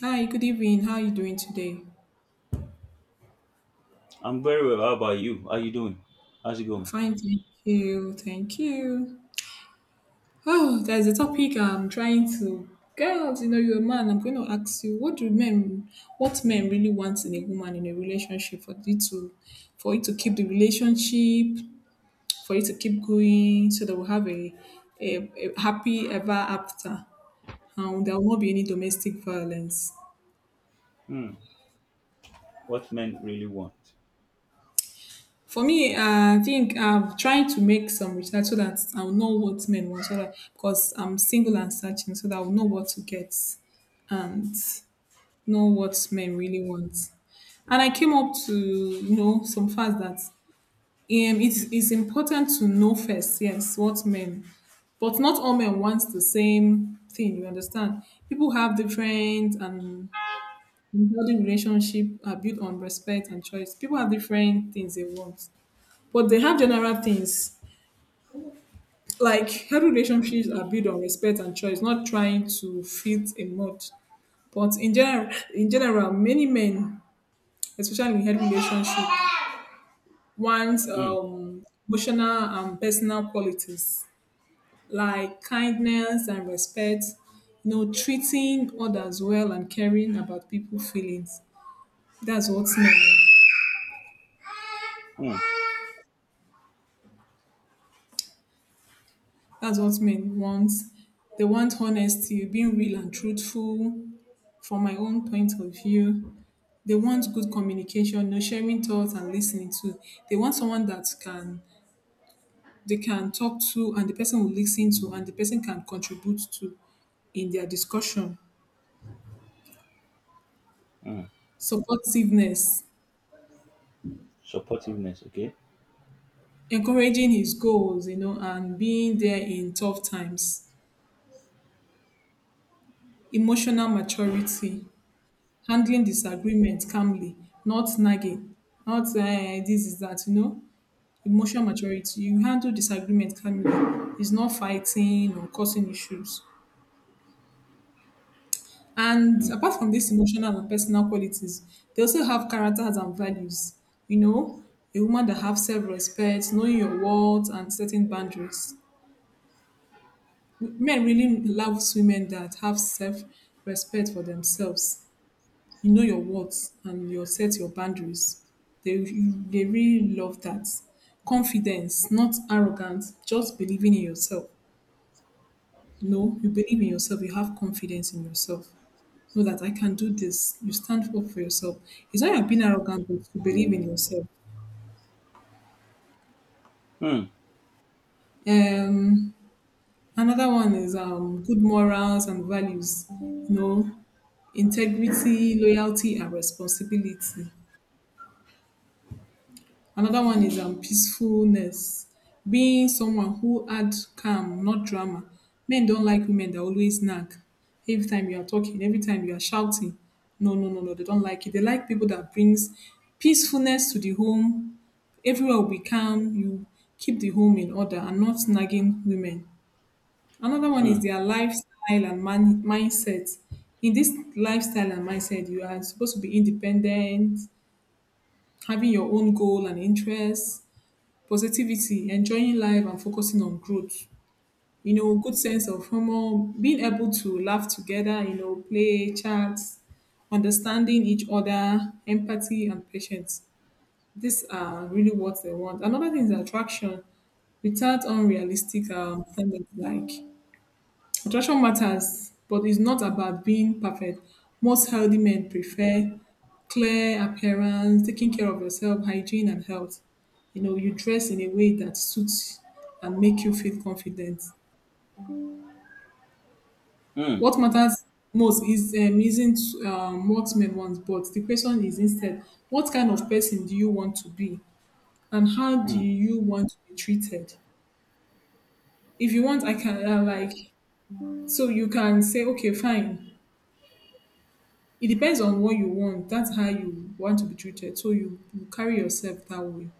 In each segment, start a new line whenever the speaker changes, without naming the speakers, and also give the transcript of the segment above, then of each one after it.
Hi, good evening. How are you doing today?
I'm very well. How about you? How you doing? How's it going?
Fine, thank you. Thank you. Oh, there's a topic I'm trying to. Girls, you know, you're a man. I'm going to ask you, what do men, what men really want in a woman in a relationship for it to keep the relationship, for it to keep going, so that we'll have a happy ever after, and there will not be any domestic violence.
Hmm. What men really want?
For me, I think I'm trying to make some research so that I'll know what men want, so that because I'm single and searching, so that I'll know what to get and know what men really want. And I came up to you know some facts that it's important to know first, yes, what men, but not all men wants the same thing. You understand? People have different, and building relationship are built on respect and choice. People have different things they want, but they have general things like healthy relationships are built on respect and choice, not trying to fit a mold. But in general, many men, especially in healthy relationship, want
Hmm.
emotional and personal qualities like kindness and respect, you know, treating others well and caring about people feelings. that's what men
Hmm.
that's what men want. They want honesty, being real and truthful. From my own point of view, they want good communication, you know, sharing thoughts and listening to. They want someone that can they can talk to and the person will listen to and the person can contribute to in their discussion.
Hmm.
Supportiveness,
Supportiveness. Okay.
encouraging his goals, you know, and being there in tough times. Emotional maturity, handling disagreement calmly, not nagging, not this is that, you know. Emotional maturity. You handle disagreement calmly. It's not fighting or causing issues. And
Hmm.
apart from these emotional and personal qualities, they also have characters and values. You know, a woman that have self-respect, knowing your worth, and setting boundaries. Men really loves women that have self-respect for themselves. You know your worth and you set your boundaries. They really love that. Confidence, not arrogance, just believing in yourself. No, you believe in yourself. You have confidence in yourself. Know that I can do this. You stand up for yourself. It's not you're being arrogant, but you believe in yourself.
Hmm.
Um, Another one is good morals and values. You know, integrity, loyalty, and responsibility. Another one is peacefulness. Being someone who add calm, not drama. Men don't like women that always nag. Every time you are talking, every time you are shouting. No, no, no, no, they don't like it. They like people that brings peacefulness to the home. Everywhere will be calm. You keep the home in order and not nagging women. Another one
Hmm.
is their lifestyle and mindset. In this lifestyle and mindset, you are supposed to be independent, having your own goal and interests, positivity, enjoying life and focusing on growth. You know, good sense of humor, being able to laugh together, you know, play, chat, understanding each other, empathy and patience. These are really what they want. Another thing is attraction without unrealistic standards like. Nutrition matters, but it's not about being perfect. Most healthy men prefer clear appearance, taking care of yourself, hygiene and health. You know, you dress in a way that suits and make you feel confident.
Hmm.
What matters most is isn't what men want, but the question is instead, what kind of person do you want to be, and how do
Hmm.
you want to be treated? If you want, I can like, so you can say, okay, fine. It depends on what you want. That's how you want to be treated. So you carry yourself that way.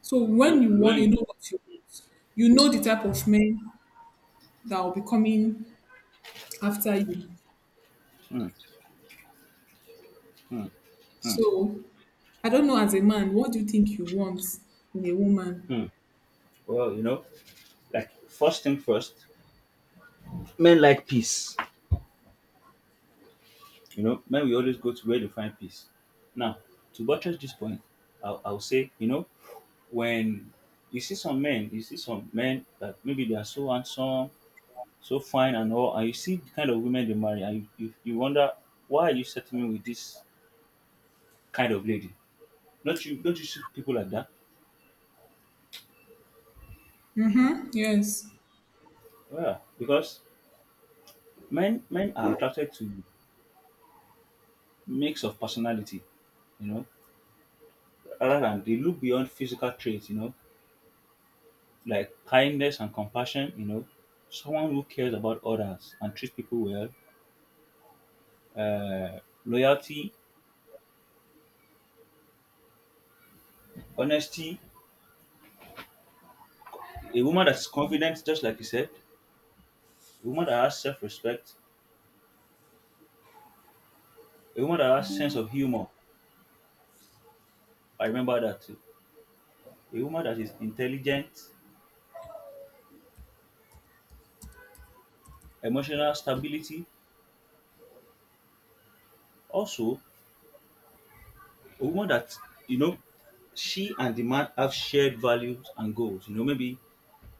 So
You-
when you
the way
want,
you.
you know the type of men that will be coming after you.
Hmm. Hmm. Hmm.
So I don't know, as a man, what do you think you want in a woman?
Hmm. Well, like first thing first, men like peace. You know, men we always go to where they find peace. Now, to buttress this point, I'll say, you know, when you see some men, you see some men that maybe they are so handsome, so fine and all, and you see the kind of women they marry, and you wonder why are you settling with this kind of lady? Don't you see people like that?
Mm-hmm. Yes.
Yeah, because men are attracted to mix of personality, you know, rather than they look beyond physical traits, you know, like kindness and compassion, you know, someone who cares about others and treats people well, uh, loyalty, honesty, a woman that's confident, just like you said, a woman that has self-respect, a woman that has sense of humor. I remember that. A woman that is intelligent, emotional stability. Also, a woman that, you know, she and the man have shared values and goals. You know, maybe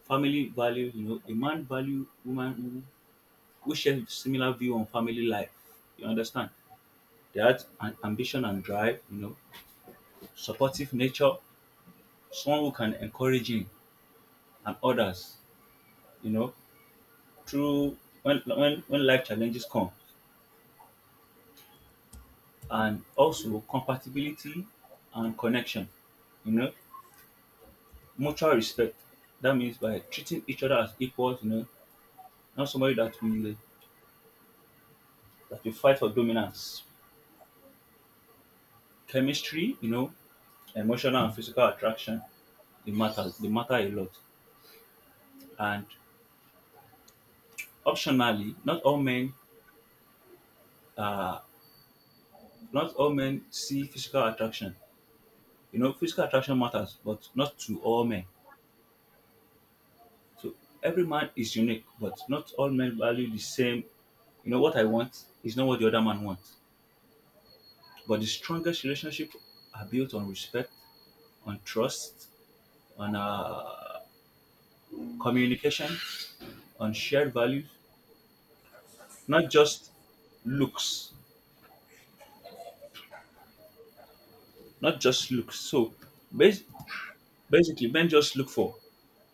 family value, you know, a man value woman who share similar view on family life. You understand? They had an ambition and drive, you know, supportive nature, someone who can encourage him and others, you know, through when life challenges come. And also compatibility and connection, you know, mutual respect. That means by treating each other as equals, you know, not somebody that we fight for dominance. Chemistry, you know, emotional and physical attraction, it matters. They matter a lot. And optionally, not all men uh not all men see physical attraction. You know, physical attraction matters, but not to all men. So every man is unique, but not all men value the same. You know what I want is not what the other man wants. But the strongest relationship are built on respect, on trust, on communication, on shared values, not just looks, not just looks. So bas- basically, men just look for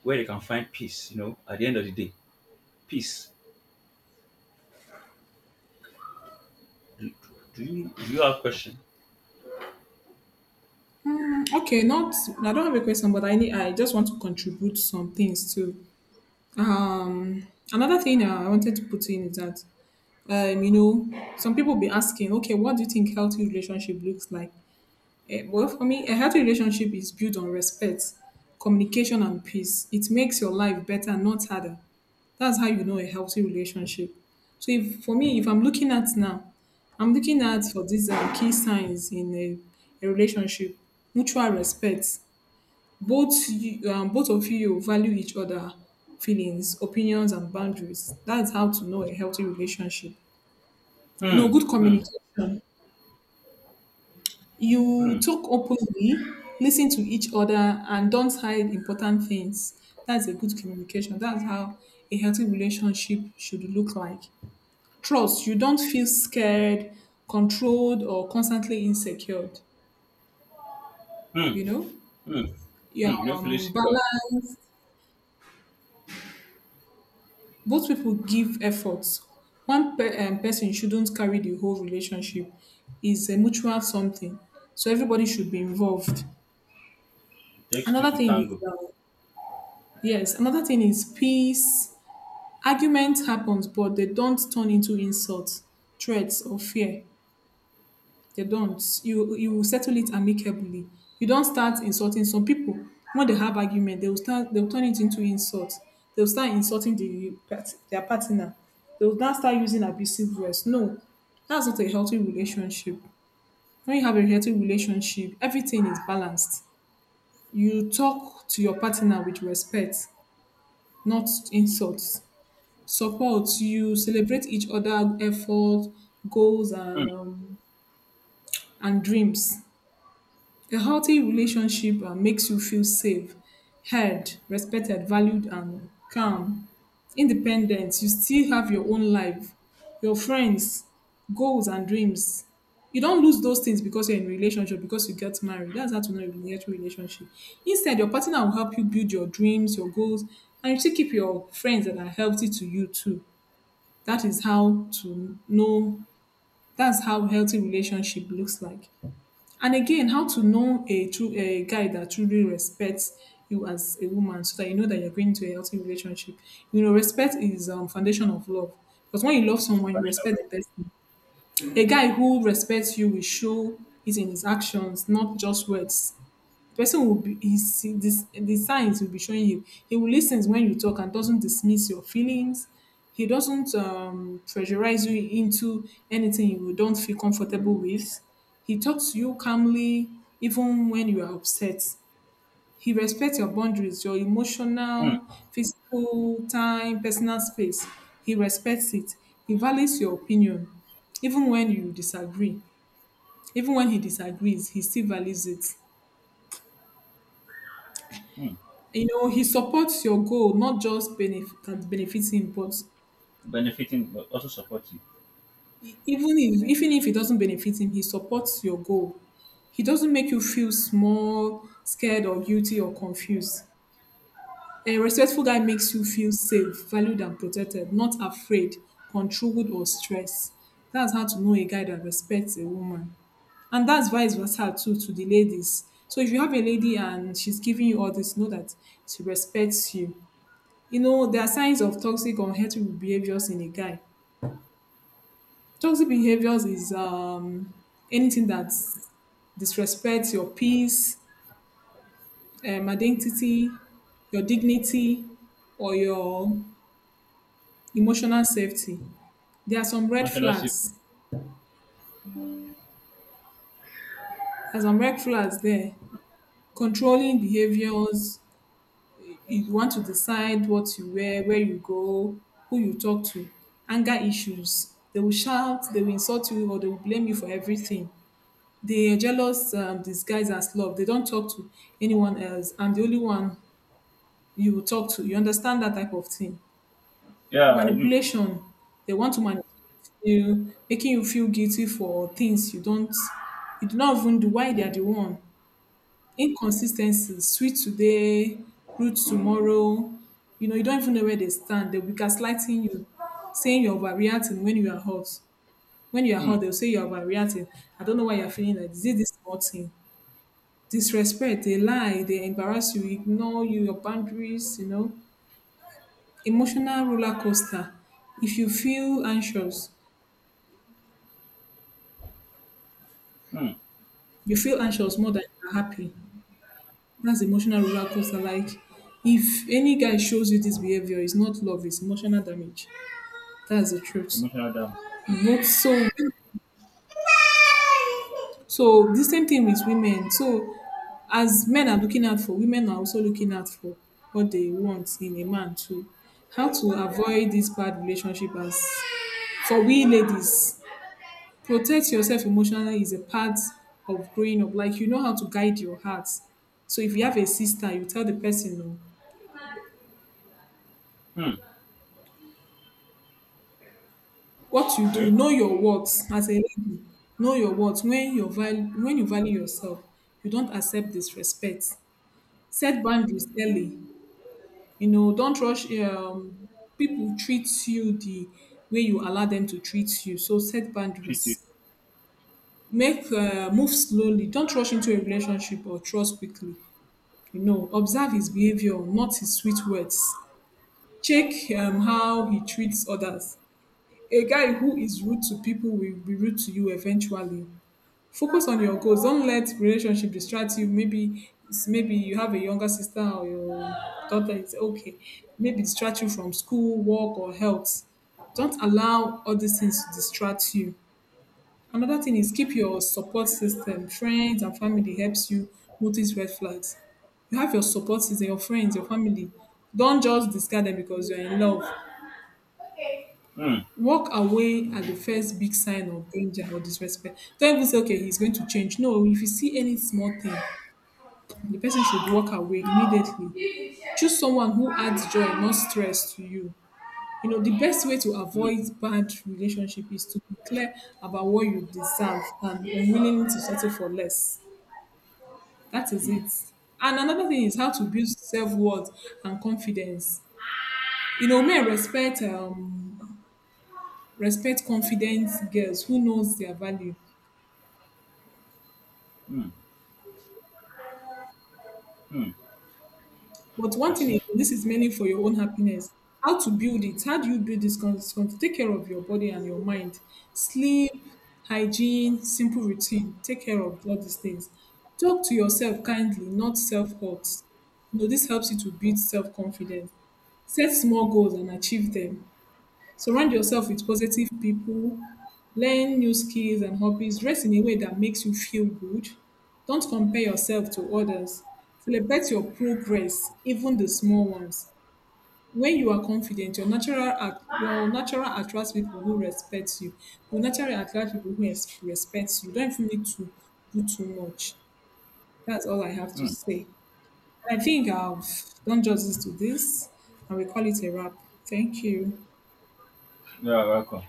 where they can find peace. You know, at the end of the day, peace. Do you have a question?
Okay, not I don't have a question, but I just want to contribute some things too. Um Another thing I wanted to put in is that you know, some people be asking, okay, what do you think healthy relationship looks like? Eh, well, for me, a healthy relationship is built on respect, communication, and peace. It makes your life better, not harder. That's how you know a healthy relationship. So, if for me, if I'm looking at now, I'm looking at for these key signs in a relationship: mutual respect. Both of you value each other feelings, opinions, and boundaries. That's how to know a healthy relationship. You
Hmm.
know, good
Hmm.
communication. You
Hmm.
talk openly, listen to each other, and don't hide important things. That's a good communication. That's how a healthy relationship should look like. Trust. You don't feel scared, controlled, or constantly insecure.
Hmm.
You know,
Hmm.
yeah,
Hmm. You don't feel secure.
balance. Both people give efforts. Person shouldn't carry the whole relationship. It's a mutual something. So everybody should be involved.
It takes two
Another
to
thing is,
tango.
yes, another thing is peace. Argument happens, but they don't turn into insults, threats or fear. They don't you you will settle it amicably. You don't start insulting some people. When they have argument, they will start they'll turn it into insult. They'll start insulting their partner. They'll now start using abusive words. No, that's not a healthy relationship. When you have a healthy relationship, everything is balanced. You talk to your partner with respect, not insults. Support, you celebrate each other efforts, goals
Hmm.
and dreams. A healthy relationship makes you feel safe, heard, respected, valued and calm. Independent, you still have your own life, your friends, goals and dreams. You don't lose those things because you're in a relationship, because you get married. That's how to know you get a relationship. Instead, your partner will help you build your dreams, your goals, and you still keep your friends that are healthy to you too. That is how to know, that's how healthy relationship looks like. And again, how to know a guy that truly respects you as a woman, so that you know that you're going into a healthy relationship. You know, respect is foundation of love. Because when you love
It's
someone, you respect the
superficial.
person. A guy who respects you will show it in his actions, not just words. Person will be his this The signs will be showing you. He will listen when you talk and doesn't dismiss your feelings. He doesn't pressurize you into anything you don't feel comfortable with. He talks to you calmly even when you are upset. He respects your boundaries, your
Hmm.
emotional, physical time, personal space. He respects it. He values your opinion, even when you disagree. Even when he disagrees, he still values it.
Hmm.
You know, he supports your goal, not just benefit that benefits him, but
Benefiting but also supporting.
even if it doesn't benefit him, he supports your goal. He doesn't make you feel small, scared, or guilty or confused. A respectful guy makes you feel safe, valued, and protected, not afraid, controlled, or stressed. That's how to know a guy that respects a woman. And that's vice versa too to the ladies. So if you have a lady and she's giving you all this, know that she respects you. You know, there are signs of toxic or unhealthy behaviors in a guy. Toxic behaviors is anything that disrespects your peace, identity, your dignity, or your emotional safety. there are some red
Emotional safe.
flags there are some red flags there. Controlling behaviors, you want to decide what you wear, where you go, who you talk to. Anger issues, they will shout, they will insult you, or they will blame you for everything. The jealous disguise as love. They don't talk to anyone else. I'm the only one you will talk to. You understand that type of thing.
Yeah, I do.
Manipulation. They want to manipulate you, making you feel guilty for things you don't, you do not even do. Why they are the one? Inconsistency. Sweet today, rude tomorrow. You know, you don't even know where they stand. They'll be gaslighting you, saying you're overreacting when you are hot. When you are hot,
Mm.
they'll say you're overreacting. I don't know why you're feeling like this. Is it this small thing? Disrespect, a lie, they embarrass you, ignore you, your boundaries, you know. Emotional roller coaster. If you feel anxious,
Mm.
you feel anxious more than you're happy. That's emotional roller coaster. Like, if any guy shows you this behavior, it's not love, it's emotional damage. That's the truth.
Emotional damage.
Not so So the same thing with women. So as men are looking out for, women are also looking out for what they want in a man too. How to avoid this bad relationship, as for we ladies, protect yourself emotionally is a part of growing up. Like, you know how to guide your heart. So if you have a sister, you tell the person, oh,
Mm.
what you do,
Okay.
know your worth as a lady. Know your worth. When you value yourself, you don't accept disrespect. Set boundaries early. You know, don't rush people treat you the way you allow them to treat you. So set
Treat it.
boundaries. Make move slowly. Don't rush into a relationship or trust quickly. You know, observe his behavior, not his sweet words. Check how he treats others. A guy who is rude to people will be rude to you eventually. Focus on your goals. Don't let relationship distract you. Maybe maybe you have a younger sister or your daughter is okay. Maybe distract you from school, work, or health. Don't allow all these things to distract you. Another thing is keep your support system. Friends and family helps you notice red flags. You have your support system, your friends, your family. Don't just discard them because you're in love.
Mm.
Walk away at the first big sign of danger or disrespect. Don't even say, okay, he's going to change. No, if you see any small thing, the person should walk away immediately. Choose someone who adds joy, not stress to you. You know, the best way to
Mm.
avoid bad relationship is to be clear about what you deserve and unwilling to settle for less. That is it. And another thing is how to build self-worth and confidence. You know, men respect respect confident girls who knows their value.
Mm. Mm.
But
I
one thing
see.
is, this is mainly for your own happiness. How to build it? How do you build this? Take care of your body and your mind. Sleep, hygiene, simple routine. Take care of all these things. Talk to yourself kindly, not self-hurt. You know, this helps you to build self-confidence. Set small goals and achieve them. Surround yourself with positive people, learn new skills and hobbies, dress in a way that makes you feel good. Don't compare yourself to others. Celebrate your progress, even the small ones. When you are confident, your natural attracts people who respect you. You naturally attract people who respect you. You don't even need to do too much. That's all I have to
Mm.
say. And I think I've done justice to this, and we call it a wrap. Thank you.
Yeah, welcome.